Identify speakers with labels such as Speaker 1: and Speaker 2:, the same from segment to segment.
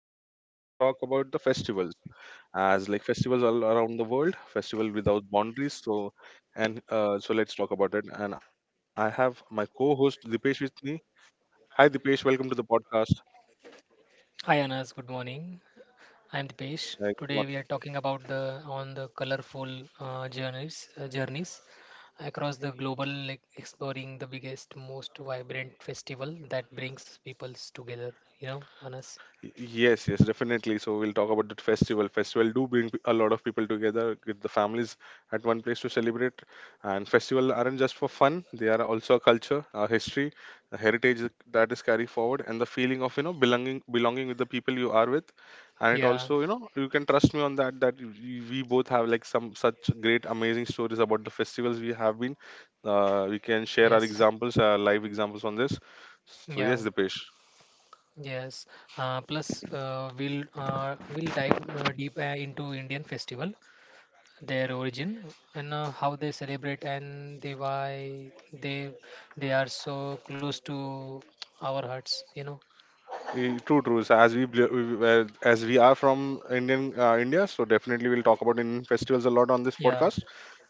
Speaker 1: this podcast we're gonna talk about the festivals, as like festivals all around the world, festival without boundaries. So let's talk about it. And I have my co-host Dipesh with me. Hi Dipesh, welcome to the podcast.
Speaker 2: Hi Anas, good morning. I am Dipesh.
Speaker 1: Hi, good
Speaker 2: Today we are talking about the on the colorful journeys across the global, like exploring the biggest, most vibrant festival that brings peoples together. You know, Anas.
Speaker 1: Yes, yes, definitely. So we'll talk about the festival. Festival do bring a lot of people together, with the families at one place to celebrate. And festival aren't just for fun; they are also a culture, a history, a heritage that is carried forward, and the feeling of you know belonging, belonging with the people you are with. And it
Speaker 2: Yeah.
Speaker 1: also, you know, you can trust me on that. That we both have like some such great, amazing stories about the festivals we have been. We can share our
Speaker 2: Yes.
Speaker 1: examples, our live examples on this. So yes,
Speaker 2: Yeah.
Speaker 1: Dipesh.
Speaker 2: Yes. Plus, we'll dive deep into Indian festival, their origin and how they celebrate and they why they are so close to our hearts.
Speaker 1: True, true. So as we are from India, so definitely we'll talk about Indian festivals a lot on this
Speaker 2: Yeah.
Speaker 1: podcast.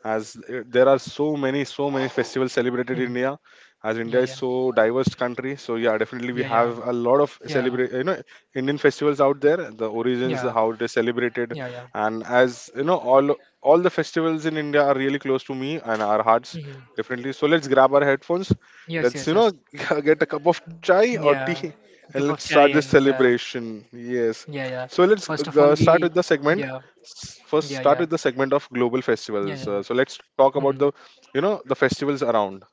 Speaker 1: As There are so many, so many festivals celebrated in
Speaker 2: Hmm.
Speaker 1: India, as India
Speaker 2: Yeah,
Speaker 1: is
Speaker 2: yeah,
Speaker 1: so diverse country, so yeah, definitely we
Speaker 2: yeah, yeah,
Speaker 1: have a lot of
Speaker 2: yeah,
Speaker 1: celebrate, you know, Indian festivals out there, the origins,
Speaker 2: yeah,
Speaker 1: how they celebrated,
Speaker 2: yeah, yeah.
Speaker 1: and as you know, all the festivals in India are really close to me and our hearts,
Speaker 2: Hmm.
Speaker 1: definitely. So let's grab our headphones,
Speaker 2: Yes,
Speaker 1: let's
Speaker 2: yes,
Speaker 1: you know
Speaker 2: yes.
Speaker 1: get a cup of chai
Speaker 2: Yeah.
Speaker 1: or tea
Speaker 2: Cup of chai
Speaker 1: and let's
Speaker 2: and
Speaker 1: start this
Speaker 2: yeah,
Speaker 1: celebration.
Speaker 2: yeah,
Speaker 1: Yes.
Speaker 2: yeah.
Speaker 1: So
Speaker 2: First
Speaker 1: let's
Speaker 2: of all,
Speaker 1: uh,
Speaker 2: we
Speaker 1: start with the
Speaker 2: yeah,
Speaker 1: segment.
Speaker 2: yeah,
Speaker 1: First,
Speaker 2: yeah,
Speaker 1: start with the segment of global
Speaker 2: yeah,
Speaker 1: festivals.
Speaker 2: yeah.
Speaker 1: So let's talk about
Speaker 2: Hmm.
Speaker 1: the, you know, the festivals around.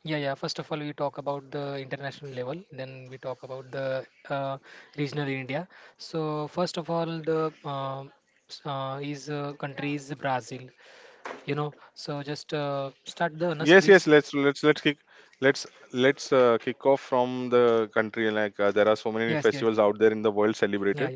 Speaker 2: Yeah, yeah. First of all, we talk about the international level, then we talk about the uh, regional India. So first of all, the s- is country is Brazil. So just start the Anas,
Speaker 1: Yes, yes.
Speaker 2: please.
Speaker 1: Let's let's kick off from the country. There are
Speaker 2: Yes,
Speaker 1: so
Speaker 2: yes.
Speaker 1: many festivals out there in the world
Speaker 2: Yeah, yeah.
Speaker 1: celebrated.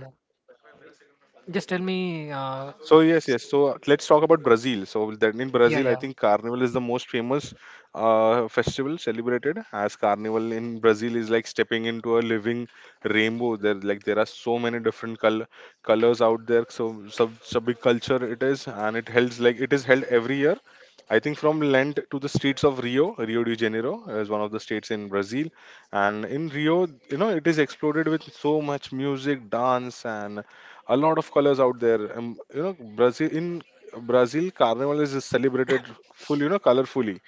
Speaker 2: Just tell me.
Speaker 1: So
Speaker 2: S-
Speaker 1: yes, yes. So let's talk about Brazil. So then in
Speaker 2: yeah,
Speaker 1: Brazil,
Speaker 2: yeah,
Speaker 1: I think Carnival is the most famous festival celebrated. As Carnival in Brazil is like stepping into a living rainbow. There like there are so many different colors out there. So sub big culture it is, and it is held every year. I think from Lent to the streets of Rio, Rio de Janeiro is one of the states in Brazil, and in Rio, you know, it is exploded with so much music, dance, and a lot of colors out there. You know, Brazil Carnival is celebrated full, you know, colorfully,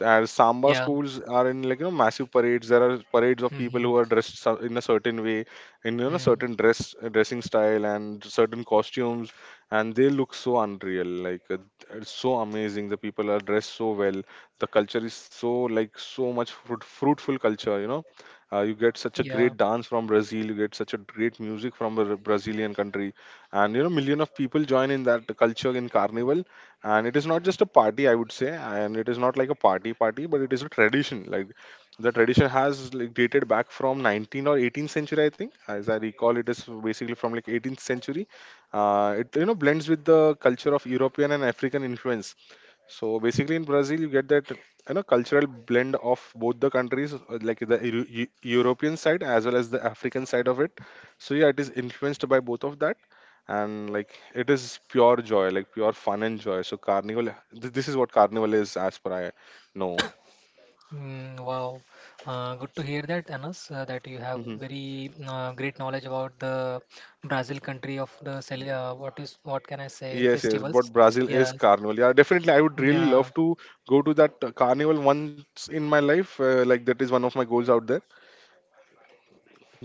Speaker 1: and samba
Speaker 2: yeah.
Speaker 1: schools are in, like, you know, massive parades. There are parades of people
Speaker 2: Mm-hmm.
Speaker 1: who are dressed in a certain way, in, you know,
Speaker 2: Mm,
Speaker 1: certain dressing style and certain costumes, and they look so unreal. It's so amazing. The people are dressed so well. The culture is so, like, so much fruitful culture. You know, you get such a
Speaker 2: yeah.
Speaker 1: great dance from Brazil. You get such a great music from a Brazilian country, and you know million of people join in that culture in Carnival, and it is not just a party, I would say, and it is not like a party party, but it is a tradition. Like the tradition has like dated back from 19 or 18th century, I think. As I recall, it is basically from like 18th century. It, you know, blends with the culture of European and African influence. So basically, in Brazil, you get that you know cultural blend of both the countries, like the European side as well as the African side of it. So yeah, it is influenced by both of that, and like it is pure joy, like pure fun and joy. So Carnival, this is what Carnival is, as per I know.
Speaker 2: Mm, wow, good to hear that, Anas, that you have
Speaker 1: hmm
Speaker 2: very great knowledge about the Brazil country of the what is what can I say
Speaker 1: Yes, yes, but
Speaker 2: festivals?
Speaker 1: Brazil is
Speaker 2: Yes,
Speaker 1: Carnival. Yeah, definitely, I would really
Speaker 2: yeah,
Speaker 1: love to go to that Carnival once in my life. Like that is one of my goals out there.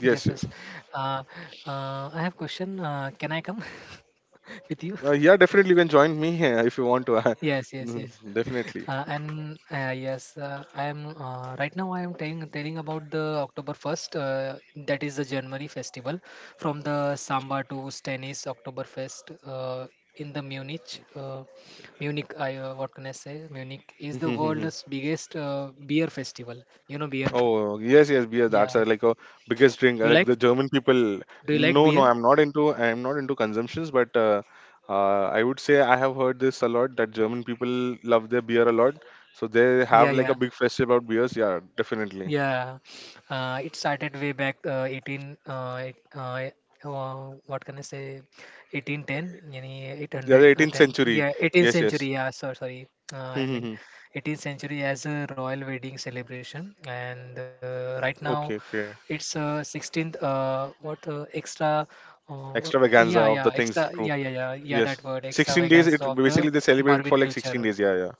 Speaker 2: yes, yes.
Speaker 1: yes.
Speaker 2: Uh, I have question. Can I come with you?
Speaker 1: Yeah, definitely you can join me if you want to.
Speaker 2: Yes, yes,
Speaker 1: mm,
Speaker 2: yes.
Speaker 1: Definitely.
Speaker 2: And yes, I am right now. I am telling about the October 1st. That is the January festival, from the Samba to Stennis Oktoberfest in the Munich. Munich, I what can I say? Munich is the world's biggest beer festival. You know beer?
Speaker 1: Oh yes, yes, beer. That's
Speaker 2: Yeah.
Speaker 1: like a biggest drink.
Speaker 2: You
Speaker 1: Like
Speaker 2: like?
Speaker 1: the German people.
Speaker 2: Do you
Speaker 1: No,
Speaker 2: like
Speaker 1: no,
Speaker 2: beer?
Speaker 1: I'm not into. I'm not into consumptions, but I would say I have heard this a lot that German people love their beer a lot. So they have
Speaker 2: Yeah,
Speaker 1: like a
Speaker 2: yeah.
Speaker 1: big festival about beers. Yeah, definitely.
Speaker 2: Yeah, it started way back 18. What can I say? 1810, yani
Speaker 1: Yeah, the 18th
Speaker 2: 810.
Speaker 1: century.
Speaker 2: Yeah, 18th
Speaker 1: Yes, yes.
Speaker 2: century. Yeah, so, sorry. I mean,
Speaker 1: Okay,
Speaker 2: 18th century as a royal wedding celebration, and
Speaker 1: okay.
Speaker 2: right now it's 16th. What extra? Uh,
Speaker 1: Extravaganza of the
Speaker 2: yeah, yeah,
Speaker 1: things. True.
Speaker 2: extra. Yeah, yeah, yeah,
Speaker 1: Yes.
Speaker 2: yeah. That word,
Speaker 1: 16 days. It
Speaker 2: extravagance of
Speaker 1: basically
Speaker 2: the
Speaker 1: they celebrate it for
Speaker 2: Barwin
Speaker 1: like 16
Speaker 2: culture.
Speaker 1: days. Yeah, yeah.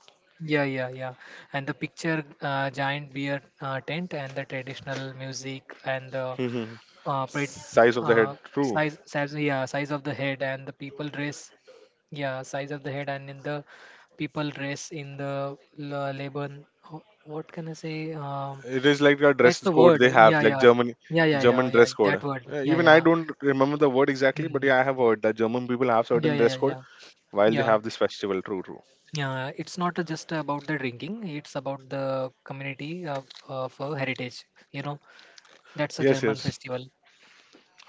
Speaker 2: Yeah, yeah, yeah. And the picture, giant beer tent, and the traditional music, and the
Speaker 1: Mhm.
Speaker 2: uh, pre-
Speaker 1: Size of the
Speaker 2: uh,
Speaker 1: head, true.
Speaker 2: size, yeah, size of the head, and the people dress, yeah, size of the head, and in the people dress in the Laban. What can I say?
Speaker 1: It is like a
Speaker 2: That's
Speaker 1: dress
Speaker 2: the
Speaker 1: code they
Speaker 2: word.
Speaker 1: have,
Speaker 2: Yeah,
Speaker 1: like
Speaker 2: yeah,
Speaker 1: German
Speaker 2: yeah, yeah, yeah,
Speaker 1: German
Speaker 2: yeah.
Speaker 1: dress code.
Speaker 2: That word. Yeah,
Speaker 1: Even I
Speaker 2: yeah.
Speaker 1: don't remember the word exactly, but
Speaker 2: Mm.
Speaker 1: yeah, I have heard that German people have
Speaker 2: Yeah, yeah, yeah,
Speaker 1: certain dress
Speaker 2: yeah.
Speaker 1: code while
Speaker 2: Yeah.
Speaker 1: they have this festival. True, true.
Speaker 2: Yeah, it's not just about the drinking, it's about the community of, of heritage. You know, that's a
Speaker 1: Yes,
Speaker 2: German
Speaker 1: yes.
Speaker 2: festival.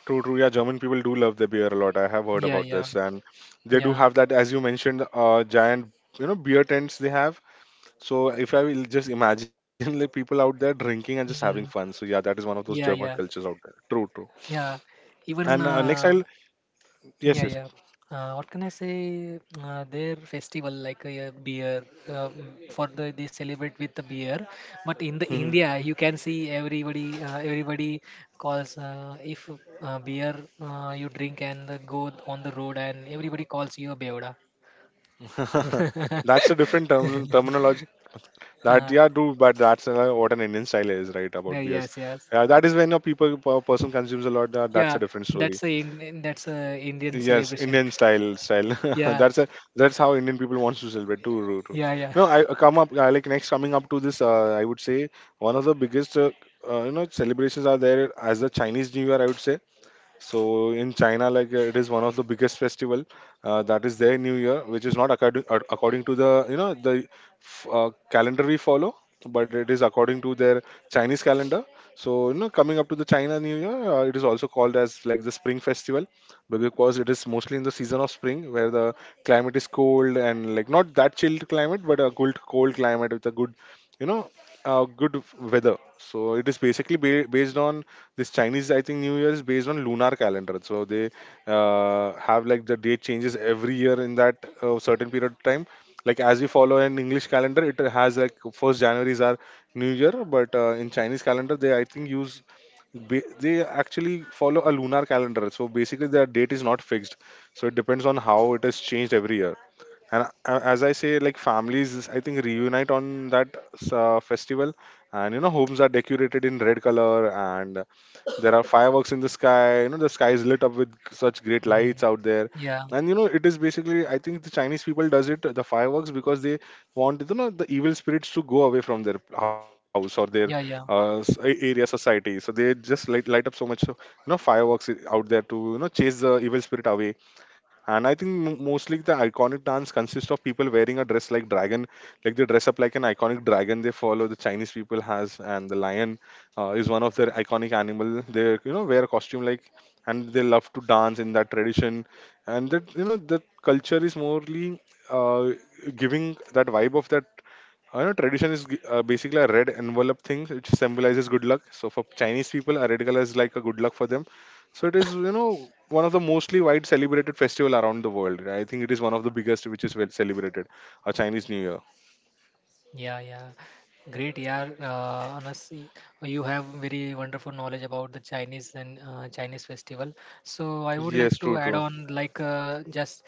Speaker 1: True, true. Yeah, German people do love their beer a lot. I have heard
Speaker 2: Yeah,
Speaker 1: about
Speaker 2: yeah,
Speaker 1: this, and they do
Speaker 2: yeah.
Speaker 1: have that, as you mentioned, giant, you know, beer tents they have. So if I will just imagine like people out there drinking and just having fun.
Speaker 2: Mm,
Speaker 1: So yeah, that is one of those
Speaker 2: yeah,
Speaker 1: German
Speaker 2: yeah,
Speaker 1: cultures out there. True, true.
Speaker 2: yeah. Even
Speaker 1: And next I'll yes,
Speaker 2: yeah, yeah. What can I say? Their festival, like a yeah, beer, for they celebrate with the beer. But in the
Speaker 1: Yes.
Speaker 2: India, you can see everybody calls if beer you drink and go on the road, and everybody calls you a beoda.
Speaker 1: That's a different terminology. That
Speaker 2: Uh,
Speaker 1: yeah, dude, but that's what an Indian style is, right?
Speaker 2: yeah,
Speaker 1: About beers.
Speaker 2: yes, yes.
Speaker 1: Yeah, that is when a person consumes a lot. That's a
Speaker 2: Yeah,
Speaker 1: different story.
Speaker 2: that's a Indian
Speaker 1: Yes,
Speaker 2: celebration.
Speaker 1: Indian style.
Speaker 2: Yeah,
Speaker 1: that's a that's how Indian people wants to celebrate. True, true, true.
Speaker 2: yeah, yeah.
Speaker 1: No, I come up like next coming up to this. I would say one of the biggest you know celebrations are there as the Chinese New Year. I would say so in China, it is one of the biggest festival that is their New Year, which is not according to the you know the calendar we follow, but it is according to their Chinese calendar. So you know, coming up to the China New Year, it is also called as like the Spring Festival because it is mostly in the season of spring where the climate is cold and like not that chilled climate, but a good cold climate with a good you know good weather. So it is basically based on this Chinese, I think, New Year is based on lunar calendar, so they have like the date changes every year in that certain period of time. Like as we follow an English calendar, it has like first January is our new year, but in Chinese calendar they I think use ba- they actually follow a lunar calendar. So basically their date is not fixed, so it depends on how it is changed every year. And as I say, like families I think reunite on that festival, and you know homes are decorated in red color, and there are fireworks in the sky. You know the sky is lit up with such great lights
Speaker 2: Mhm.
Speaker 1: out there,
Speaker 2: Yeah,
Speaker 1: and you know it is basically, I think, the Chinese people does it the fireworks because they want you know the evil spirits to go away from their house or their
Speaker 2: yeah, yeah.
Speaker 1: area society. So they just light up so much you know fireworks out there to you know chase the evil spirit away. And I think mostly the iconic dance consists of people wearing a dress like dragon, like they dress up like an iconic dragon. They follow, the Chinese people has, and the lion is one of their iconic animal. They you know wear a costume like, and they love to dance in that tradition. And that you know the culture is morely uh, giving that vibe of that I know tradition is basically a red envelope thing, which symbolizes good luck. So for Chinese people, a red color is like a good luck for them. So it is, you know, one of the mostly wide celebrated festival around the world. I think it is one of the biggest which is well celebrated, a Chinese New Year.
Speaker 2: Yeah, yeah. Great, yeah. Anas, you have very wonderful knowledge about the Chinese festival. So I would like
Speaker 1: Yes,
Speaker 2: to
Speaker 1: true,
Speaker 2: add
Speaker 1: true.
Speaker 2: on, like, just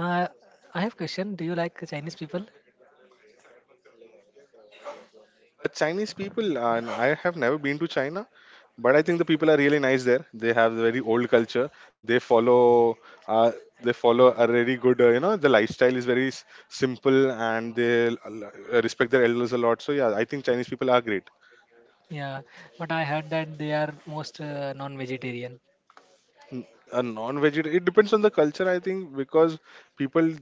Speaker 2: uh, I have question. Do you like Chinese people?
Speaker 1: Chinese people, and I have never been to China, but I think the people are really nice there. They have very old culture. They follow, uh, they follow a very good, you know, the lifestyle is very simple, and they respect their elders a lot. So yeah, I think Chinese people are great.
Speaker 2: Yeah, but I heard that they are most non-vegetarian.
Speaker 1: A non-vegetarian, it depends on the culture, I think, because people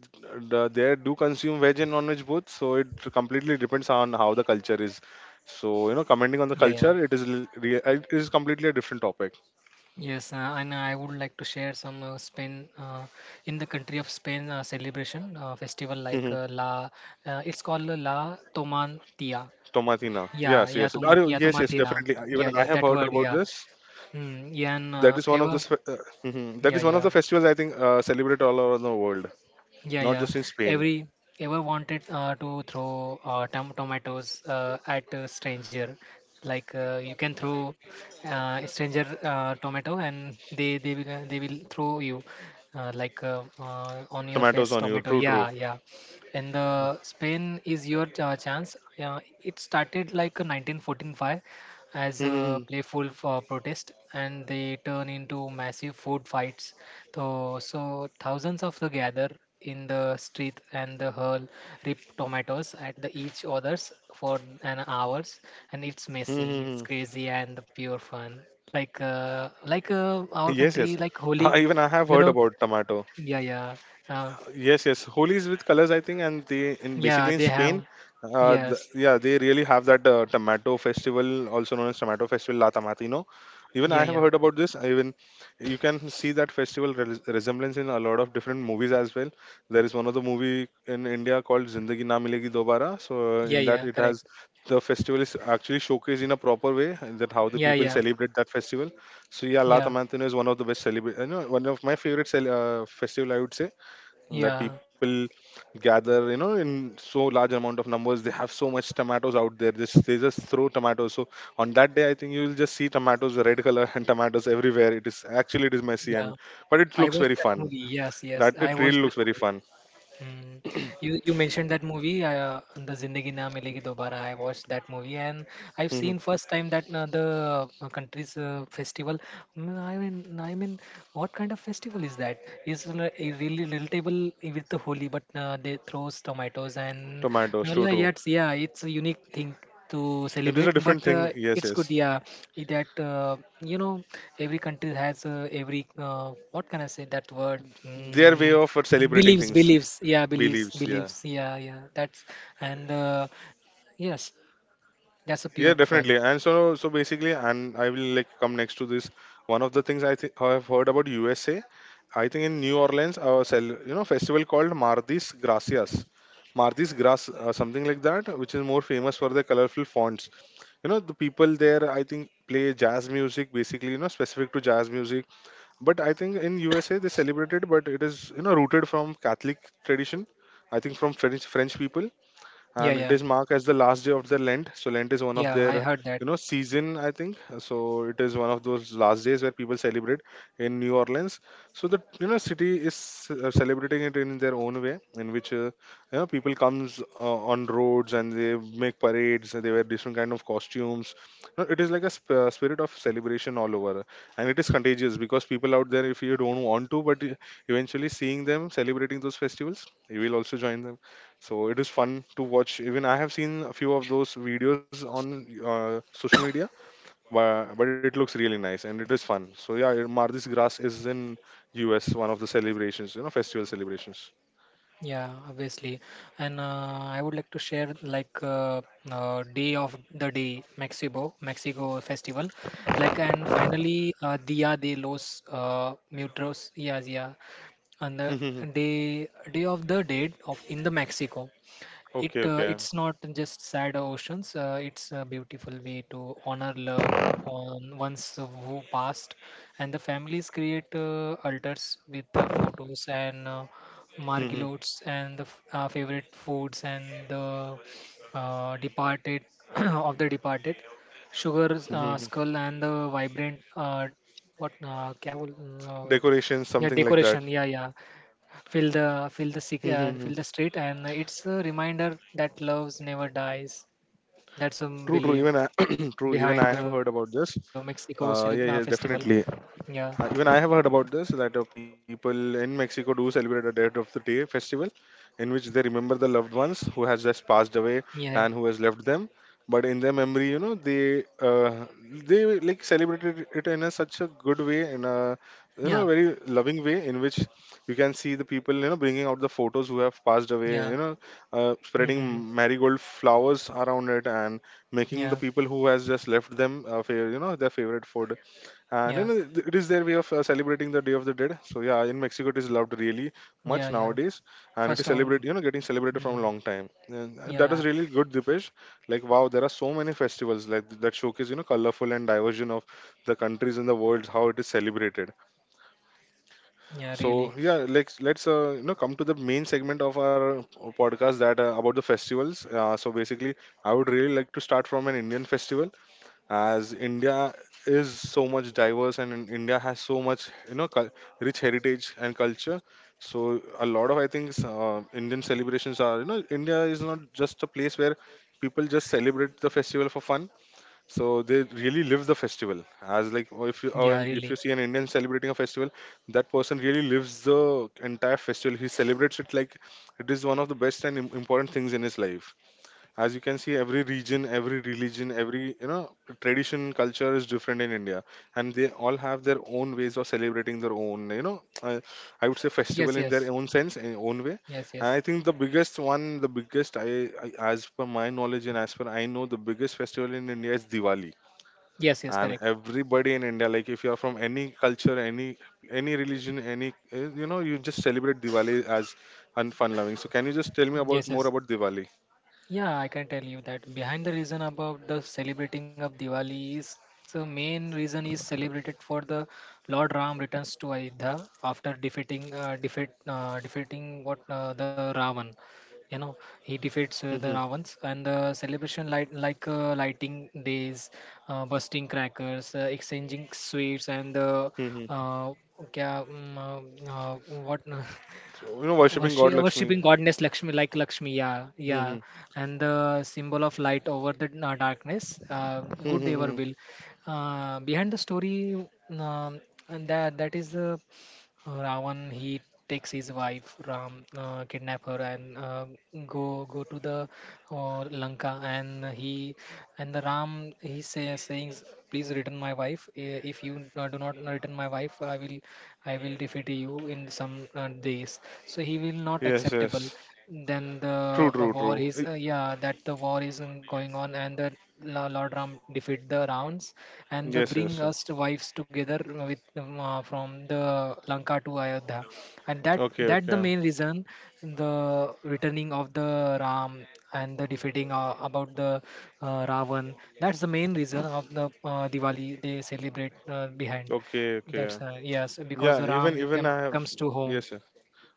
Speaker 1: there do consume veg and non-veg both. So it completely depends on how the culture is. So you know, commenting on the
Speaker 2: Yeah, yeah.
Speaker 1: culture, it is completely a different topic.
Speaker 2: Yes, and I would like to share some Spain in the country of Spain celebration festival like La. It's called La Toman.
Speaker 1: Tomatina.
Speaker 2: Yeah,
Speaker 1: Yes,
Speaker 2: yeah,
Speaker 1: yes. Are
Speaker 2: Yatuman,
Speaker 1: you? Yes, yes.
Speaker 2: Yatumantina.
Speaker 1: Definitely. Even
Speaker 2: Yeah,
Speaker 1: I
Speaker 2: yeah,
Speaker 1: have
Speaker 2: that
Speaker 1: heard
Speaker 2: word,
Speaker 1: about
Speaker 2: yeah.
Speaker 1: this.
Speaker 2: Mm, yeah, and
Speaker 1: That is one of the
Speaker 2: ever,
Speaker 1: s- mhm. that
Speaker 2: yeah,
Speaker 1: is one of
Speaker 2: yeah.
Speaker 1: the festivals I think celebrated all over the world,
Speaker 2: Yeah,
Speaker 1: not
Speaker 2: yeah.
Speaker 1: just in Spain.
Speaker 2: Every Ever wanted to throw tomatoes at a stranger? Like you can throw a stranger tomato, and they will throw you like on your
Speaker 1: Tomatoes on
Speaker 2: face
Speaker 1: you.
Speaker 2: tomato.
Speaker 1: True, true.
Speaker 2: Yeah, yeah. And the Spain is your chance. Yeah, it started like a 1945 as a
Speaker 1: Mhm,
Speaker 2: playful protest, and they turn into massive food fights. So thousands of the gather in the street and the hurl rip tomatoes at the each others for an hours, and it's
Speaker 1: mhm,
Speaker 2: messy, it's
Speaker 1: mhm.
Speaker 2: crazy, and the pure fun. Like uh, like
Speaker 1: yes, yes.
Speaker 2: uh, our country,
Speaker 1: Even
Speaker 2: like
Speaker 1: I have
Speaker 2: Holi,
Speaker 1: heard about
Speaker 2: you know?
Speaker 1: tomato.
Speaker 2: Yeah, yeah,
Speaker 1: Yes,
Speaker 2: uh,
Speaker 1: yes. Holi is with colors, I think, and they in basically in
Speaker 2: yeah. They
Speaker 1: Spain,
Speaker 2: have yes,
Speaker 1: yeah, they really have that tomato festival, also known as tomato festival La Tomatino. Even I
Speaker 2: yeah,
Speaker 1: have
Speaker 2: yeah,
Speaker 1: heard about this. Even you can see that festival resemblance in a lot of different movies as well. There is one of the movie in India called Zindagi Na Milegi Dobara. So
Speaker 2: yeah,
Speaker 1: in that
Speaker 2: yeah.
Speaker 1: it
Speaker 2: Correct.
Speaker 1: has the festival is actually showcased in a proper way, and that how the
Speaker 2: Yeah,
Speaker 1: people
Speaker 2: yeah,
Speaker 1: celebrate that festival. So yeah, La
Speaker 2: yeah,
Speaker 1: Tomatino is one of the best celebrate, you know, one of my favorite cel- festival I would say that
Speaker 2: yeah,
Speaker 1: people gather, you know, in so large amount of numbers, they have so much tomatoes out there, just they just throw tomatoes. So on that day, I think you will just see tomatoes, red color, and tomatoes everywhere. It is actually it is messy,
Speaker 2: yeah.
Speaker 1: and but it
Speaker 2: I
Speaker 1: looks
Speaker 2: watched
Speaker 1: very
Speaker 2: that
Speaker 1: fun,
Speaker 2: movie. Yes, yes.
Speaker 1: that
Speaker 2: I
Speaker 1: it really
Speaker 2: watched that.
Speaker 1: looks very fun.
Speaker 2: Mm. You mentioned that movie, the Zindagi Na Milegi Dobara. I watched that movie, and I've
Speaker 1: Mhm.
Speaker 2: seen first time that the country's festival. I mean, what kind of festival is that? Is a really relatable with the Holi, but they throws tomatoes and
Speaker 1: Tomatoes, true,
Speaker 2: Mullah,
Speaker 1: true.
Speaker 2: yes, yeah, it's a unique thing to
Speaker 1: It is
Speaker 2: celebrate,
Speaker 1: a different
Speaker 2: but
Speaker 1: thing, yes,
Speaker 2: it's good,
Speaker 1: yes.
Speaker 2: yeah, that every country has every what can I say that word?
Speaker 1: Their way of celebrating
Speaker 2: Beliefs
Speaker 1: things,
Speaker 2: beliefs yeah, beliefs
Speaker 1: beliefs, yeah.
Speaker 2: beliefs yeah, yeah, that's, and yes, that's a pure
Speaker 1: Yeah,
Speaker 2: fun.
Speaker 1: definitely. And so basically, and I will like come next to this. One of the things I think I have heard about USA, I think in New Orleans, you know, festival called Mardis Gracias, Mardis Gras, something like that, which is more famous for the colorful fonts. You know, the people there, I think, play jazz music, basically, you know, specific to jazz music. But I think in USA they celebrated, but it is, you know, rooted from Catholic tradition. I think from French people,
Speaker 2: Yeah,
Speaker 1: and it
Speaker 2: yeah,
Speaker 1: is marked as the last day of the Lent. So Lent is one of
Speaker 2: yeah. I
Speaker 1: their,
Speaker 2: heard that.
Speaker 1: you know, season, I think. So it is one of those last days where people celebrate in New Orleans. So the, you know, city is celebrating it in their own way, in which you know, people comes on roads and they make parades. And they wear different kind of costumes. You know, it is like a spirit of celebration all over, and it is contagious because people out there, if you don't want to, but eventually seeing them celebrating those festivals, you will also join them. So it is fun to watch. Even I have seen a few of those videos on social media, but it looks really nice and it is fun. So yeah, Mardi Gras is in US, one of the celebrations, you know, festival celebrations.
Speaker 2: Yeah, obviously. And I would like to share like day of the day Mexico festival, like, and finally dia de los muertos, yeah, yeah. And the
Speaker 1: Okay,
Speaker 2: day day of the dead of in the Mexico.
Speaker 1: okay.
Speaker 2: It's not just sad oceans, it's a beautiful way to honor love on ones who passed. And the families create altars with the photos and
Speaker 1: Mhm.
Speaker 2: margalots and the favorite foods and the departed of the departed sugar
Speaker 1: Mhm.
Speaker 2: skull and the vibrant what
Speaker 1: Decorations,
Speaker 2: yeah,
Speaker 1: something like that.
Speaker 2: decoration, yeah, yeah.
Speaker 1: Mhm.
Speaker 2: Fill the street, and it's a reminder that love never dies. That's a
Speaker 1: True, true. Even
Speaker 2: belief
Speaker 1: I, true. Even I
Speaker 2: behind
Speaker 1: have
Speaker 2: the
Speaker 1: heard about
Speaker 2: Mexico
Speaker 1: this.
Speaker 2: celeb festival.
Speaker 1: Yeah, yeah,
Speaker 2: Yeah,
Speaker 1: definitely. Even I have heard about this, that people in Mexico do celebrate a Death of the Day festival, in which they remember the loved ones who has just passed away
Speaker 2: yeah,
Speaker 1: and who has left them. But in their memory, you know, they like celebrated it in a such a good way, in a you
Speaker 2: yeah,
Speaker 1: know very loving way, in which you can see the people, you know, bringing out the photos who have passed away,
Speaker 2: yeah.
Speaker 1: you know, spreading
Speaker 2: Hmm.
Speaker 1: marigold flowers around it and making the
Speaker 2: Yeah,
Speaker 1: people who has just left them you know, their favorite food, and you
Speaker 2: yeah,
Speaker 1: know, it is their way of celebrating the Day of the Dead. So yeah, in Mexico it is loved really
Speaker 2: yeah,
Speaker 1: much
Speaker 2: yeah.
Speaker 1: nowadays, and it is
Speaker 2: First of all,
Speaker 1: celebrated, you know, getting celebrated
Speaker 2: mm,
Speaker 1: from a long time. And that
Speaker 2: yeah,
Speaker 1: is really good, Dipesh. Like wow, there are so many festivals like that showcase, you know, colorful and diversion of the countries in the world how it is celebrated.
Speaker 2: yeah,
Speaker 1: So
Speaker 2: really,
Speaker 1: yeah, let's you know, come to the main segment of our podcast that about the festivals. So basically, I would really like to start from an Indian festival, as India is so much diverse, and India has so much, you know, rich heritage and culture. So a lot of, I think, Indian celebrations are, you know, India is not just a place where people just celebrate the festival for fun. So they really live the festival as like, or if you,
Speaker 2: yeah,
Speaker 1: if
Speaker 2: really.
Speaker 1: you see an Indian celebrating a festival, that person really lives the entire festival. He celebrates it like it is one of the best and important things in his life, as you can see every region, every religion, every, you know, tradition, culture is different in India, and they all have their own ways of celebrating their own, you know, I would say festival
Speaker 2: Yes,
Speaker 1: in their
Speaker 2: yes,
Speaker 1: own sense, in own way.
Speaker 2: yes,
Speaker 1: And
Speaker 2: yes,
Speaker 1: I think the biggest one, the biggest I, as per my knowledge and as per I know, the biggest festival in India is Diwali.
Speaker 2: yes, yes,
Speaker 1: And
Speaker 2: correct.
Speaker 1: everybody in India, like if you are from any culture, any religion, any you know, you just celebrate Diwali as and fun loving. So can you just tell me about
Speaker 2: Yes,
Speaker 1: more
Speaker 2: yes.
Speaker 1: about Diwali?
Speaker 2: Yeah, I can tell you that behind the reason about the celebrating of Diwali is main reason is celebrated for the Lord Ram returns to Ayodhya after defeating what the Ravan. You know, he defeats the Ravans and the celebration light like lighting days, busting crackers, exchanging sweets and uh, what
Speaker 1: So, you know, worshipping God
Speaker 2: worship,
Speaker 1: Lakshmi.
Speaker 2: worshipping goddess Lakshmi, like Lakshmi, yeah, yeah,
Speaker 1: Mhm.
Speaker 2: and the symbol of light over the darkness,
Speaker 1: Mhm.
Speaker 2: good ever will.
Speaker 1: Hmm.
Speaker 2: Behind the story, and that is the Ravan, he takes his wife Ram, kidnap her and go to the Lanka, and he and the Ram he saying, please return my wife. If you do not return my wife I will defeat you in some days, so he will not
Speaker 1: Yes,
Speaker 2: acceptable.
Speaker 1: yes.
Speaker 2: Then
Speaker 1: True,
Speaker 2: the
Speaker 1: true,
Speaker 2: war
Speaker 1: true.
Speaker 2: is
Speaker 1: Eh,
Speaker 2: yeah, that the war is going on, and the Lord Ram defeat the rounds and the
Speaker 1: yes, yes.
Speaker 2: bring us the wives together with from the Lanka to Ayodhya, and that
Speaker 1: Okay,
Speaker 2: that the
Speaker 1: okay.
Speaker 2: main reason, the returning of the Ram and the defeating about the Ravan. That's the main reason of the Diwali they celebrate behind.
Speaker 1: Okay, okay.
Speaker 2: That's yes, because
Speaker 1: Yeah,
Speaker 2: the
Speaker 1: even
Speaker 2: Ram
Speaker 1: even I have
Speaker 2: comes to home.
Speaker 1: yes, yes.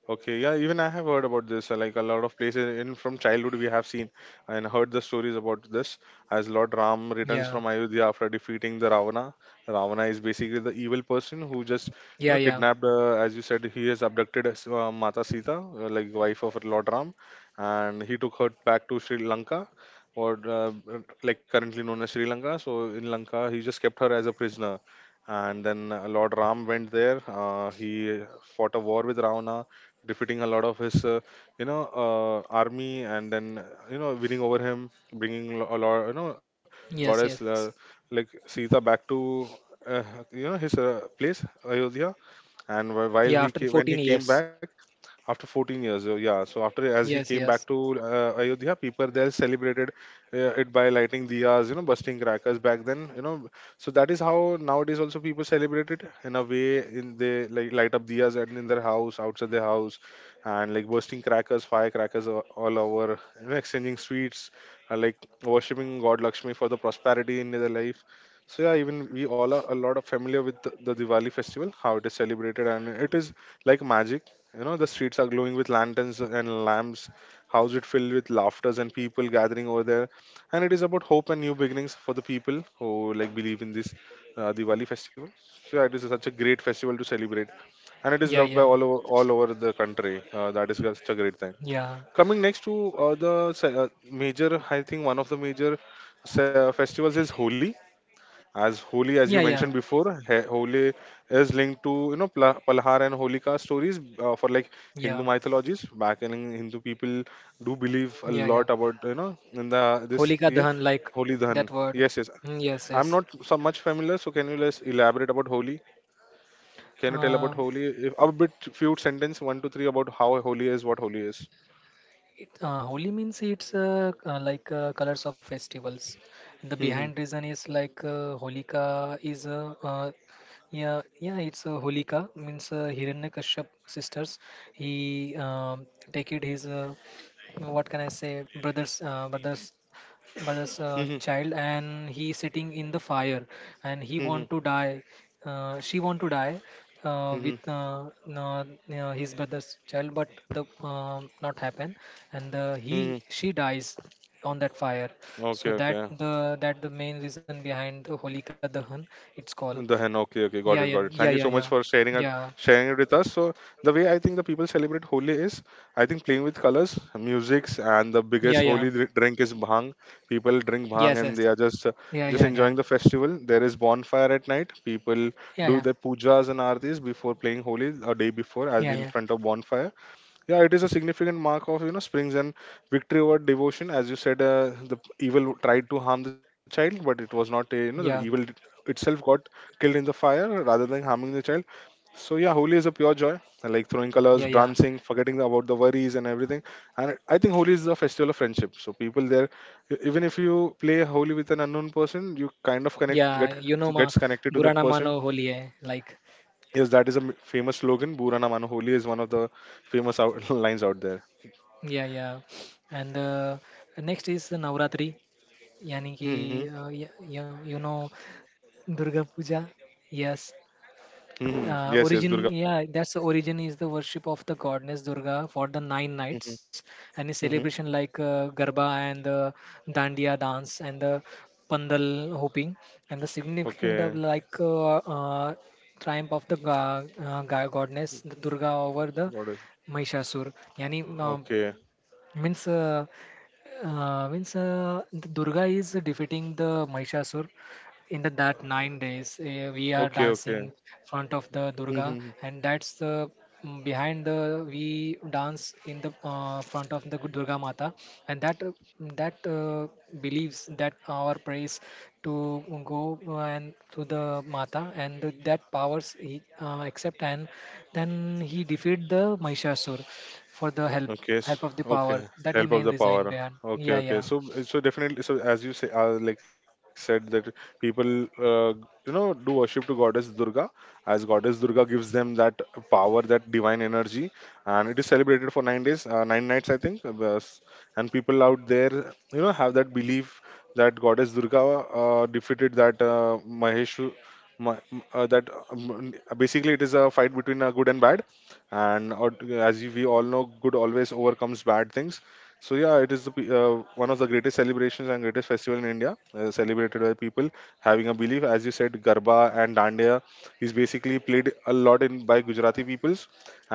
Speaker 1: Okay, yeah, even I have heard about this. Like a lot of places in from childhood, we have seen and heard the stories about this. As Lord Ram returns
Speaker 2: Yeah,
Speaker 1: from Ayodhya after defeating the Ravana, Ravana is basically the evil person who just, you
Speaker 2: yeah,
Speaker 1: know,
Speaker 2: yeah.
Speaker 1: kidnapped. As you said, he has abducted his, Mata Sita, like wife of Lord Ram, and he took her back to Sri Lanka, or like currently known as Sri Lanka. So in Lanka, he just kept her as a prisoner. And then Lord Ram went there. He fought a war with Ravana, defeating a lot of his you know, army, and then you know, winning over him, bringing a lot, you know,
Speaker 2: Yes,
Speaker 1: goddess
Speaker 2: yes.
Speaker 1: like Sita back to uh, you know, his place Ayodhya. And
Speaker 2: Yeah, after
Speaker 1: while he
Speaker 2: 14
Speaker 1: came, when he
Speaker 2: years.
Speaker 1: came back after 14 years yeah, so after as
Speaker 2: Yes,
Speaker 1: he came
Speaker 2: yes.
Speaker 1: back to Ayodhya, people there celebrated it by lighting diyas, you know, busting crackers back then, you know. So that is how nowadays also people celebrate it in a way, in they like light up diyas and in their house, outside their house, and like bursting crackers, firecrackers all over, you know, exchanging sweets, like worshipping God Lakshmi for the prosperity in their life. So yeah, even we all are a lot of familiar with the Diwali festival, how it is celebrated, and it is like magic. You know, the streets are glowing with lanterns and lamps, house it filled with laughters and people gathering over there. And it is about hope and new beginnings for the people who like believe in this Diwali festival. So yeah, it is such a great festival to celebrate, and it is
Speaker 2: Yeah,
Speaker 1: loved by
Speaker 2: yeah,
Speaker 1: all over the country. That is such a great thing.
Speaker 2: yeah,
Speaker 1: Coming next to major, I think one of the major festivals is Holi, as Holi,
Speaker 2: yeah,
Speaker 1: as you
Speaker 2: yeah,
Speaker 1: mentioned before, Holi is linked to, you know, Palhar and Holika stories for like
Speaker 2: yeah,
Speaker 1: Hindu mythologies. Back in Hindu, people do believe a
Speaker 2: yeah, yeah.
Speaker 1: lot about, you know, in the this
Speaker 2: Holika
Speaker 1: yeah,
Speaker 2: Dahan, like
Speaker 1: Holi Dhan.
Speaker 2: that word.
Speaker 1: Yes, yes.
Speaker 2: Mm, yes,
Speaker 1: I'm
Speaker 2: yes.
Speaker 1: not so much familiar, so can you less elaborate about Holi? Can you tell about
Speaker 2: Uh,
Speaker 1: Holi? If a bit, few sentence, one to three about how Holi is, what Holi is.
Speaker 2: Holi means it's like colors of festivals. The
Speaker 1: Hmm.
Speaker 2: behind reason is like Holika is yeah, yeah, it's Holika means Hiranyakashyap sisters. He take it his what can I say, brothers brothers, but as a
Speaker 1: Hmm. Hmm.
Speaker 2: child and he sitting in the fire and he
Speaker 1: Hmm.
Speaker 2: want to die, she want to die with
Speaker 1: Hmm.
Speaker 2: uh, his brother's child, but the not happen and he
Speaker 1: Hmm.
Speaker 2: she dies on that fire.
Speaker 1: Hmm.
Speaker 2: So
Speaker 1: Okay.
Speaker 2: that
Speaker 1: Okay.
Speaker 2: the, that the main reason behind the holika dahan, it's called.
Speaker 1: The hen, okay, okay,
Speaker 2: Yeah,
Speaker 1: got it, got it.
Speaker 2: yeah,
Speaker 1: Thank
Speaker 2: yeah,
Speaker 1: you so
Speaker 2: yeah,
Speaker 1: much for
Speaker 2: yeah,
Speaker 1: sharing it with us. So the way I think the people celebrate Holi is, I think playing with colors, musics, and the
Speaker 2: yeah, yeah,
Speaker 1: biggest
Speaker 2: yeah.
Speaker 1: Holi drink is bhang. People drink
Speaker 2: Yes, yes.
Speaker 1: bhang and they are
Speaker 2: Yeah, yeah,
Speaker 1: just
Speaker 2: yeah,
Speaker 1: enjoying the festival. There is bonfire at night. People
Speaker 2: yeah, yeah,
Speaker 1: do their pujas and aartis before playing Holi a day before,
Speaker 2: yeah,
Speaker 1: as
Speaker 2: yeah,
Speaker 1: in front of bonfire. Yeah, it is a significant mark of, you know, Spring's and victory over devotion. As you said, evil tried to harm the child, but it was not a, you know,
Speaker 2: yeah,
Speaker 1: itself got killed in the fire rather than harming the child. So yeah, Holi is a pure joy. I like throwing colors,
Speaker 2: yeah, yeah.
Speaker 1: dancing, forgetting about the worries and everything. And I think Holi is a festival of friendship. So people there, even if you play Holi with an unknown person, you kind of connect
Speaker 2: Yeah,
Speaker 1: get
Speaker 2: you know ma
Speaker 1: gets connected to that
Speaker 2: Burana Mano
Speaker 1: person.
Speaker 2: Holi hai, like,
Speaker 1: Yes, that is a famous slogan. Burana Mano Holi is one of the famous lines out there.
Speaker 2: yeah, yeah. And next is Navratri, yani ki
Speaker 1: Mm-hmm.
Speaker 2: yeah, you know Durga Puja, yes.
Speaker 1: Mm-hmm. Yes, yes,
Speaker 2: Origin,
Speaker 1: Durga.
Speaker 2: yeah, that's the origin is the worship of the goddess Durga for the nine
Speaker 1: Mm-hmm.
Speaker 2: nights and a
Speaker 1: Mm-hmm.
Speaker 2: celebration like Garba and the Dandiya dance and the Pandal hooping, and the significant
Speaker 1: Okay.
Speaker 2: of like triumph of the goddess Durga over the
Speaker 1: What is?
Speaker 2: Mahishasur. Yani
Speaker 1: Okay.
Speaker 2: means means the Durga is defeating the Mahishasur in the, that 9 days. We are
Speaker 1: Okay. Okay.
Speaker 2: dancing front of the Durga,
Speaker 1: Mm-hmm.
Speaker 2: and that's the behind the we dance in the front of the good Durga Mata, and that that believes that our praise to go and to the Mata, and that powers he accept, and then he defeat the Mahishasur for the
Speaker 1: Okay,
Speaker 2: help of the
Speaker 1: okay.
Speaker 2: power. That's the
Speaker 1: Help of
Speaker 2: main
Speaker 1: the
Speaker 2: reason
Speaker 1: power.
Speaker 2: behind.
Speaker 1: Okay,
Speaker 2: Yeah,
Speaker 1: okay.
Speaker 2: yeah.
Speaker 1: So, so definitely. So, as you say, like said that people, do worship to goddess Durga, as goddess Durga gives them that power, that divine energy, and it is celebrated for 9 days, nine nights, I think. And people out there, have that belief that goddess Durga defeated that Maheshu. Ma- m- that Basically it is a fight between good and bad, and out- as you- we all know good always overcomes bad things. So yeah, it is one of the greatest celebrations and greatest festival in India, celebrated by people having a belief. As you said, garba and dandiya is basically played a lot in by Gujarati peoples,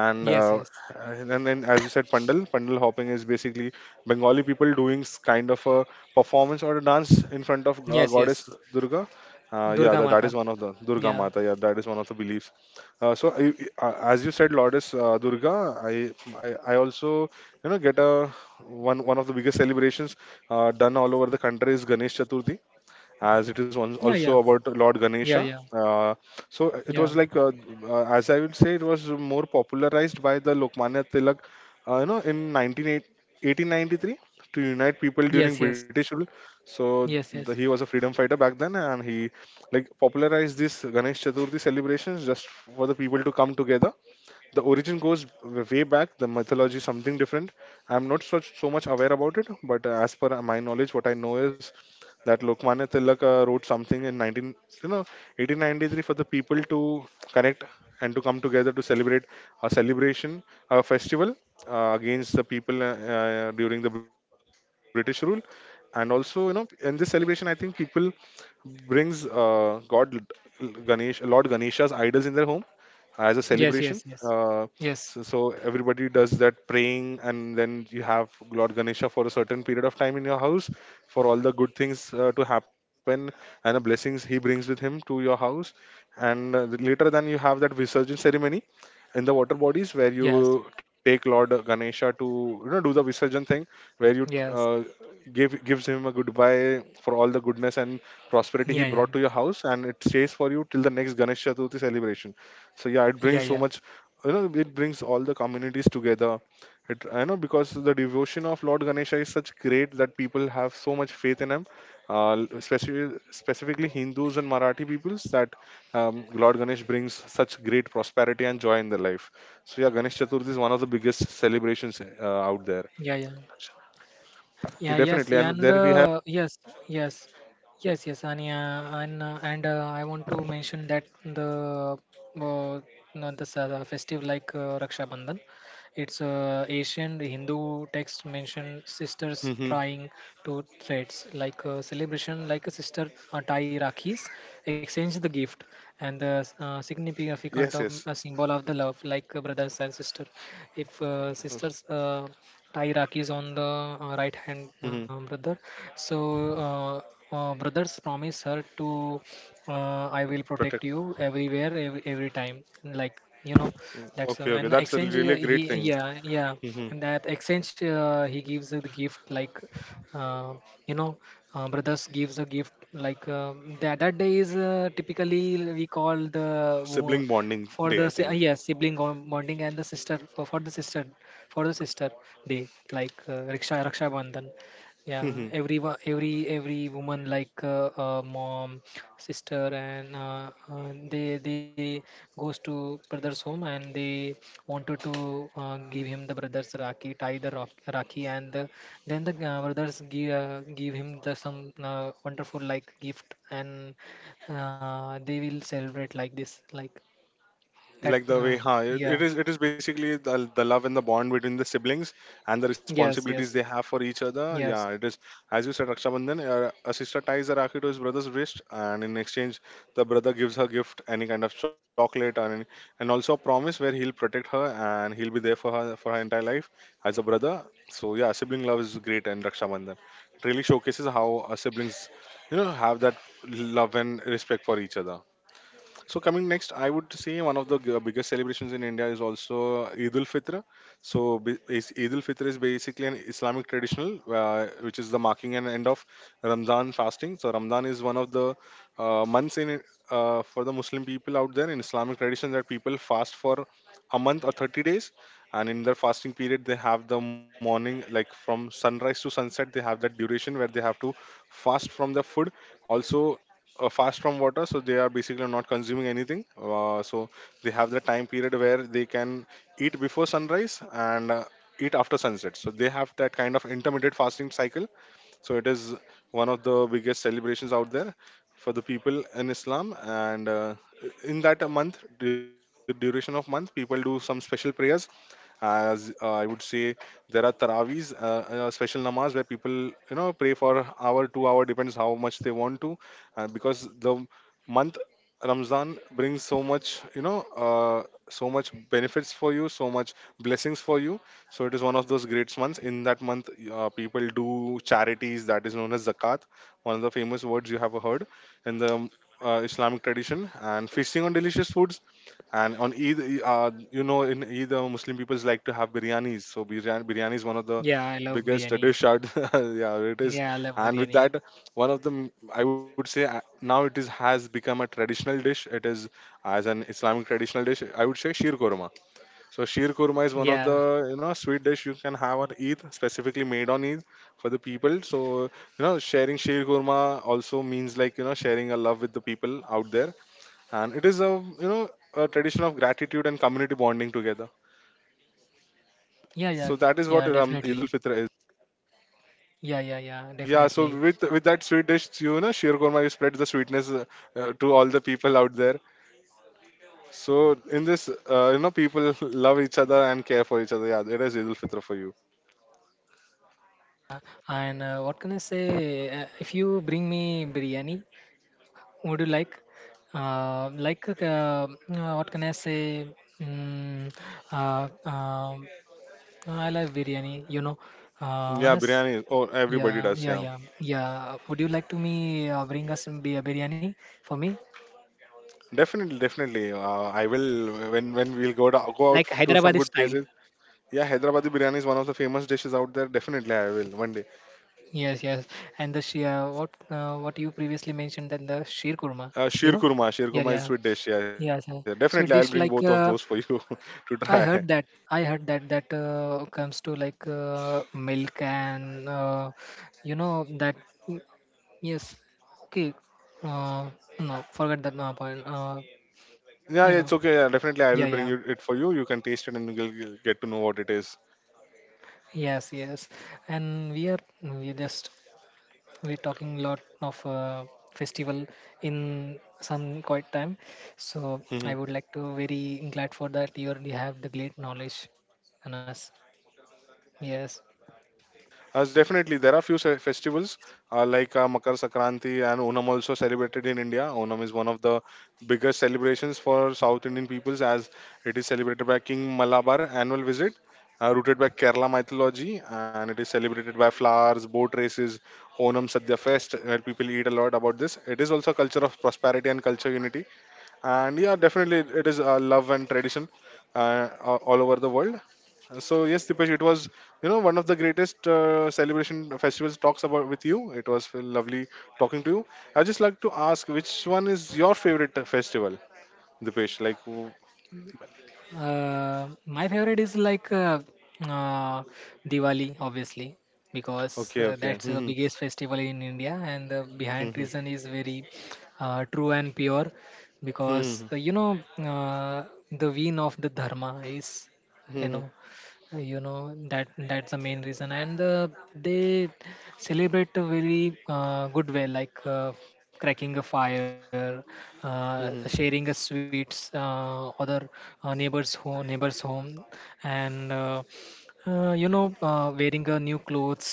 Speaker 1: and
Speaker 2: Yes,
Speaker 1: uh,
Speaker 2: yes.
Speaker 1: and then, as you said, pandal hopping is basically Bengali people doing kind of a performance or a dance in front of
Speaker 2: Yes, yes.
Speaker 1: goddess Durga. Yeah,
Speaker 2: Durga
Speaker 1: that
Speaker 2: Mata.
Speaker 1: is one of the Durga
Speaker 2: Yeah.
Speaker 1: Mata. Yeah, that is one of the beliefs. So, as you said, Lourdes Durga, I, I also, get a one one of the biggest celebrations done all over the country is Ganesh Chaturthi, as it is
Speaker 2: Yeah,
Speaker 1: one,
Speaker 2: yeah.
Speaker 1: also about Lord
Speaker 2: Yeah, yeah.
Speaker 1: Ganesha. So
Speaker 2: Yeah.
Speaker 1: it was like, as I would say, it was more popularized by the Lokmanya Tilak, in 19, 1893, to unite people during
Speaker 2: Yes, yes.
Speaker 1: British rule. So
Speaker 2: Yes,
Speaker 1: he
Speaker 2: yes.
Speaker 1: was a freedom fighter back then, and he like popularized this Ganesh Chaturthi celebrations just for the people to come together. The origin goes way back. The mythology is something different. I'm not so much aware about it, but as per my knowledge, what I know is that Lokmanya Tilak wrote something in 19, you know, 1893 for the people to connect and to come together to celebrate a celebration, a festival, against the people during the British rule. And also, in this celebration, I think people brings God Ganesh, Lord Ganesha's idols in their home as a
Speaker 2: Yes,
Speaker 1: celebration.
Speaker 2: yes, yes. Yes.
Speaker 1: So, so everybody does that praying, and then you have Lord Ganesha for a certain period of time in your house for all the good things to happen, and the blessings he brings with him to your house. And later, then you have that Visarjan ceremony in the water bodies, where
Speaker 2: Yes.
Speaker 1: you take Lord Ganesha to do the Visarjan thing, where you
Speaker 2: Yes.
Speaker 1: give gives him a goodbye for all the goodness and prosperity
Speaker 2: Yeah,
Speaker 1: he
Speaker 2: yeah.
Speaker 1: brought to your house, and it stays for you till the next Ganesh Chaturthi celebration. So yeah, it
Speaker 2: Yeah, yeah. Yeah,
Speaker 1: brings so much,
Speaker 2: yeah.
Speaker 1: it brings all the communities together. It i know, because the devotion of Lord Ganesha is such great that people have so much faith in him, uh, especially specifically Hindus and Marathi peoples, that Lord Ganesh brings such great prosperity and joy in their life. So yeah, Ganesh Chaturthi is one of the biggest celebrations out there.
Speaker 2: Yeah, yeah. Yeah, yes,
Speaker 1: Definitely.
Speaker 2: yeah,
Speaker 1: And
Speaker 2: and
Speaker 1: then we have.
Speaker 2: yes, yes, Ania, and I want to mention that the uh, no, the sa- festive like Raksha Bandhan. It's Asian Hindu text mention sisters
Speaker 1: Hmm.
Speaker 2: trying to threads like celebration like a sister tie rakhis, exchange the gift and the
Speaker 1: Yes,
Speaker 2: significant of
Speaker 1: yes.
Speaker 2: a symbol of the love like brothers and sister. If sisters Thai Rakhi is on the right hand
Speaker 1: Hmm.
Speaker 2: brother. So uh, brothers promise her to, I will
Speaker 1: Protect.
Speaker 2: protect you everywhere, every time. Like you know,
Speaker 1: Mm,
Speaker 2: that's
Speaker 1: okay, okay,
Speaker 2: an
Speaker 1: that's a
Speaker 2: exchange.
Speaker 1: really great
Speaker 2: He
Speaker 1: thing.
Speaker 2: yeah, yeah,
Speaker 1: Hmm.
Speaker 2: and that exchange he gives the gift like, uh, you know, brothers gives a gift like that. That day is typically we call the wo-
Speaker 1: Sibling bonding
Speaker 2: for
Speaker 1: day,
Speaker 2: the
Speaker 1: I
Speaker 2: si-
Speaker 1: think.
Speaker 2: yes, sibling bond- bonding and the sister for the sister for the sister day like Raksha Bandhan. Yeah, every wo- every woman like mom, sister, and they goes to brother's home and they wanted to give him the brother's rakhi, tie the rock, rakhi, and the, then the brothers give him the some wonderful like gift, and they will celebrate like this, like that.
Speaker 1: Like the way, huh, it it
Speaker 2: Yeah,
Speaker 1: is it is basically the love and the bond between the siblings, and the
Speaker 2: yes, yes,
Speaker 1: responsibilities they have for each other.
Speaker 2: yes.
Speaker 1: Yeah, it is. As you said, Raksha Bandhan, a sister ties a rakhi to his brother's wrist, and in exchange the brother gives her gift, any kind of chocolate or any, and also a promise where he'll protect her and he'll be there for her entire life as a brother. So yeah, sibling love is great, and Raksha Bandhan really showcases how siblings, have that love and respect for each other. So coming next, I would say one of the biggest celebrations in India is also Eid ul Fitr. So Eid ul Fitr is basically an Islamic traditional, which is the marking and end of Ramadan fasting. So Ramadan is one of the months for the Muslim people out there in Islamic tradition, that people fast for a month or 30 days, and in their fasting period they have the morning, like from sunrise to sunset they have that duration where they have to fast from the food. Also fast from water, so they are basically not consuming anything, so they have the time period where they can eat before sunrise and eat after sunset, so they have that kind of intermittent fasting cycle. So it is one of the biggest celebrations out there for the people in Islam. And in that a month, the duration of month, people do some special prayers. As I would say, there are tarawis, special namaz where people, pray for hour, 2 hour, depends how much they want to, because the month Ramzan brings so much benefits for you, so much blessings for you. So it is one of those great months. In that month, people do charities that is known as zakat, one of the famous words you have heard in the Islamic tradition, and feasting on delicious foods. And on either, you know, in either Muslim peoples like to have biryanis. So biryani is one of the
Speaker 2: Yeah, I love
Speaker 1: biggest
Speaker 2: biryani.
Speaker 1: dish out. Yeah, it is.
Speaker 2: Yeah, I love
Speaker 1: And with
Speaker 2: biryani.
Speaker 1: that, one of I would say, now it is has become a traditional dish. It is as an Islamic traditional dish, I would say, sheer korma. So sheer korma is one
Speaker 2: Yeah,
Speaker 1: of the sweet dish you can have on Eid, specifically made on Eid for the people. So, sharing sheer korma also means, like, sharing a love with the people out there, and it is a, you know a tradition of gratitude and community bonding together.
Speaker 2: yeah, yeah,
Speaker 1: So that is
Speaker 2: yeah,
Speaker 1: what Eid ul
Speaker 2: definitely.
Speaker 1: Fitr is.
Speaker 2: Yeah, yeah, yeah,
Speaker 1: Yeah, so
Speaker 2: definitely.
Speaker 1: with that sweet dish, sheer korma, you spread the sweetness to all the people out there. So in this, people love each other and care for each other. Yeah, it is Eid ul Fitr for you.
Speaker 2: And what can I say? If you bring me biryani, would you like? Uh, like, uh, uh, what can I say? Mm, uh, um, I love biryani, you know.
Speaker 1: Yeah,
Speaker 2: Anas,
Speaker 1: biryani, oh everybody
Speaker 2: yeah,
Speaker 1: does,
Speaker 2: yeah,
Speaker 1: yeah.
Speaker 2: yeah, yeah. Would you like to me bring us some bi- biryani for me?
Speaker 1: Definitely, I will, when
Speaker 2: Like
Speaker 1: go out to
Speaker 2: Hyderabadi
Speaker 1: some good
Speaker 2: style.
Speaker 1: places. Yeah, Hyderabadi biryani is one of the famous dishes out there. Definitely I will one day.
Speaker 2: Yes, yes. And the she what you previously mentioned that the sheer kurma,
Speaker 1: Uh,
Speaker 2: you
Speaker 1: sheer
Speaker 2: know?
Speaker 1: kurma, sheer
Speaker 2: Yeah,
Speaker 1: kurma is
Speaker 2: yeah.
Speaker 1: sweet dish. Yeah, yeah,
Speaker 2: Yes.
Speaker 1: definitely, I'll bring both
Speaker 2: So
Speaker 1: of
Speaker 2: dish
Speaker 1: those for you
Speaker 2: like
Speaker 1: to try.
Speaker 2: I heard that that comes to like milk and you know that mm, yes. Okay. Uh, no, forget that point.
Speaker 1: Yeah,
Speaker 2: You
Speaker 1: yeah,
Speaker 2: know.
Speaker 1: it's okay. Yeah, definitely, I will
Speaker 2: Yeah,
Speaker 1: bring
Speaker 2: yeah.
Speaker 1: you it for you. You can taste it and you'll get to know what it is.
Speaker 2: Yes, yes. And we just we're talking lot of festival in some quite time. So I would like to very glad for that you already have the great knowledge on us. Yes.
Speaker 1: As definitely, there are few festivals like Makar Sakranti and Onam, also celebrated in India. Onam is one of the biggest celebrations for South Indian peoples, as it is celebrated by King Malabar annual visit, rooted by Kerala mythology, and it is celebrated by flowers, boat races, Onam Sadhya Fest, where people eat a lot about this. It is also a culture of prosperity and culture unity, and yeah, definitely it is love and tradition all over the world. So yes, Dipesh, it was, one of the greatest celebration festivals talks about with you. It was lovely talking to you. I just like to ask, which one is your favorite festival, Dipesh?
Speaker 2: My favorite is like uh, Diwali, obviously, because
Speaker 1: Okay, okay,
Speaker 2: that's the
Speaker 1: mhm,
Speaker 2: biggest festival in India, and the behind
Speaker 1: mhm,
Speaker 2: reason is very true and pure, because
Speaker 1: mhm,
Speaker 2: you know the vein of the dharma is you
Speaker 1: mhm,
Speaker 2: know. You know that that's the main reason and they celebrate a very good way like cracking a fire,
Speaker 1: mhm,
Speaker 2: sharing a sweets other neighbors home and you know, wearing a new clothes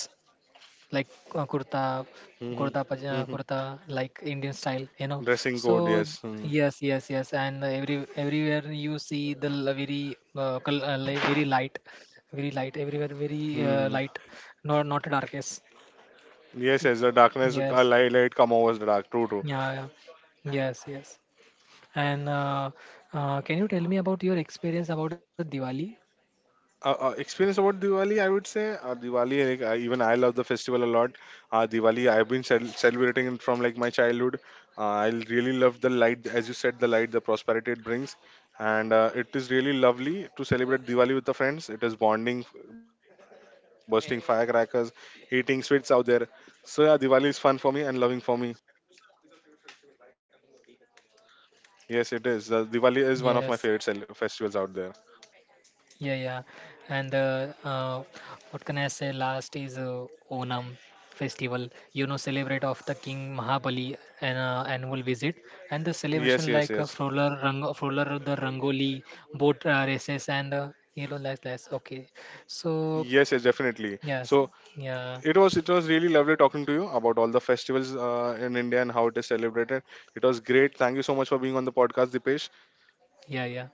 Speaker 2: like uh, kurta,
Speaker 1: mhm,
Speaker 2: kurta pajama,
Speaker 1: mhm.
Speaker 2: kurta like Indian style, you know.
Speaker 1: Dressing code,
Speaker 2: So
Speaker 1: yes. Mhm,
Speaker 2: yes, yes, yes, and every everywhere you see the l- very very light everywhere, very
Speaker 1: mhm.
Speaker 2: light, not darkest.
Speaker 1: Yes, yes. The darkness, a
Speaker 2: Yes,
Speaker 1: light come over the dark. True, true.
Speaker 2: yeah, yeah. Yes, yes. And can you tell me about your experience about the Diwali?
Speaker 1: Experience about Diwali, I would say, Diwali. Like even I love the festival a lot. Diwali, I've been celebrating it from, like, my childhood. I really love the light, as you said, the light, the prosperity it brings, and it is really lovely to celebrate Diwali with the friends. It is bonding, bursting firecrackers, eating sweets out there. So yeah, Diwali is fun for me and loving for me. Yes, it is. Diwali is one
Speaker 2: Yes.
Speaker 1: of my favorite festivals out there.
Speaker 2: Yeah, yeah. And what can I say? Last is Onam festival. You know, celebrate of the King Mahabali an annual visit and the
Speaker 1: Yes,
Speaker 2: celebration
Speaker 1: yes,
Speaker 2: like a
Speaker 1: yes.
Speaker 2: roller rang roller the Rangoli, boat races and you know like that. Okay, so
Speaker 1: Yes, yes, definitely.
Speaker 2: yes,
Speaker 1: So
Speaker 2: yeah,
Speaker 1: it was really lovely talking to you about all the festivals in India and how it is celebrated. It was great. Thank you so much for being on the podcast, Dipesh.
Speaker 2: yeah, yeah,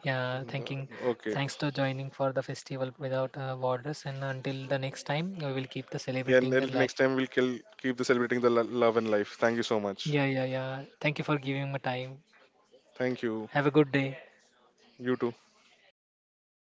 Speaker 2: yeah. Thanking,
Speaker 1: Okay.
Speaker 2: thanks to joining for the festival without borders. And until the next time, we will keep the
Speaker 1: Yeah, and until
Speaker 2: celebrating
Speaker 1: next
Speaker 2: life.
Speaker 1: time, we'll keep the celebrating the love and life. Thank you so much.
Speaker 2: Yeah, yeah, yeah. Thank you for giving me time.
Speaker 1: Thank you.
Speaker 2: Have a good day.
Speaker 1: You too. Bye.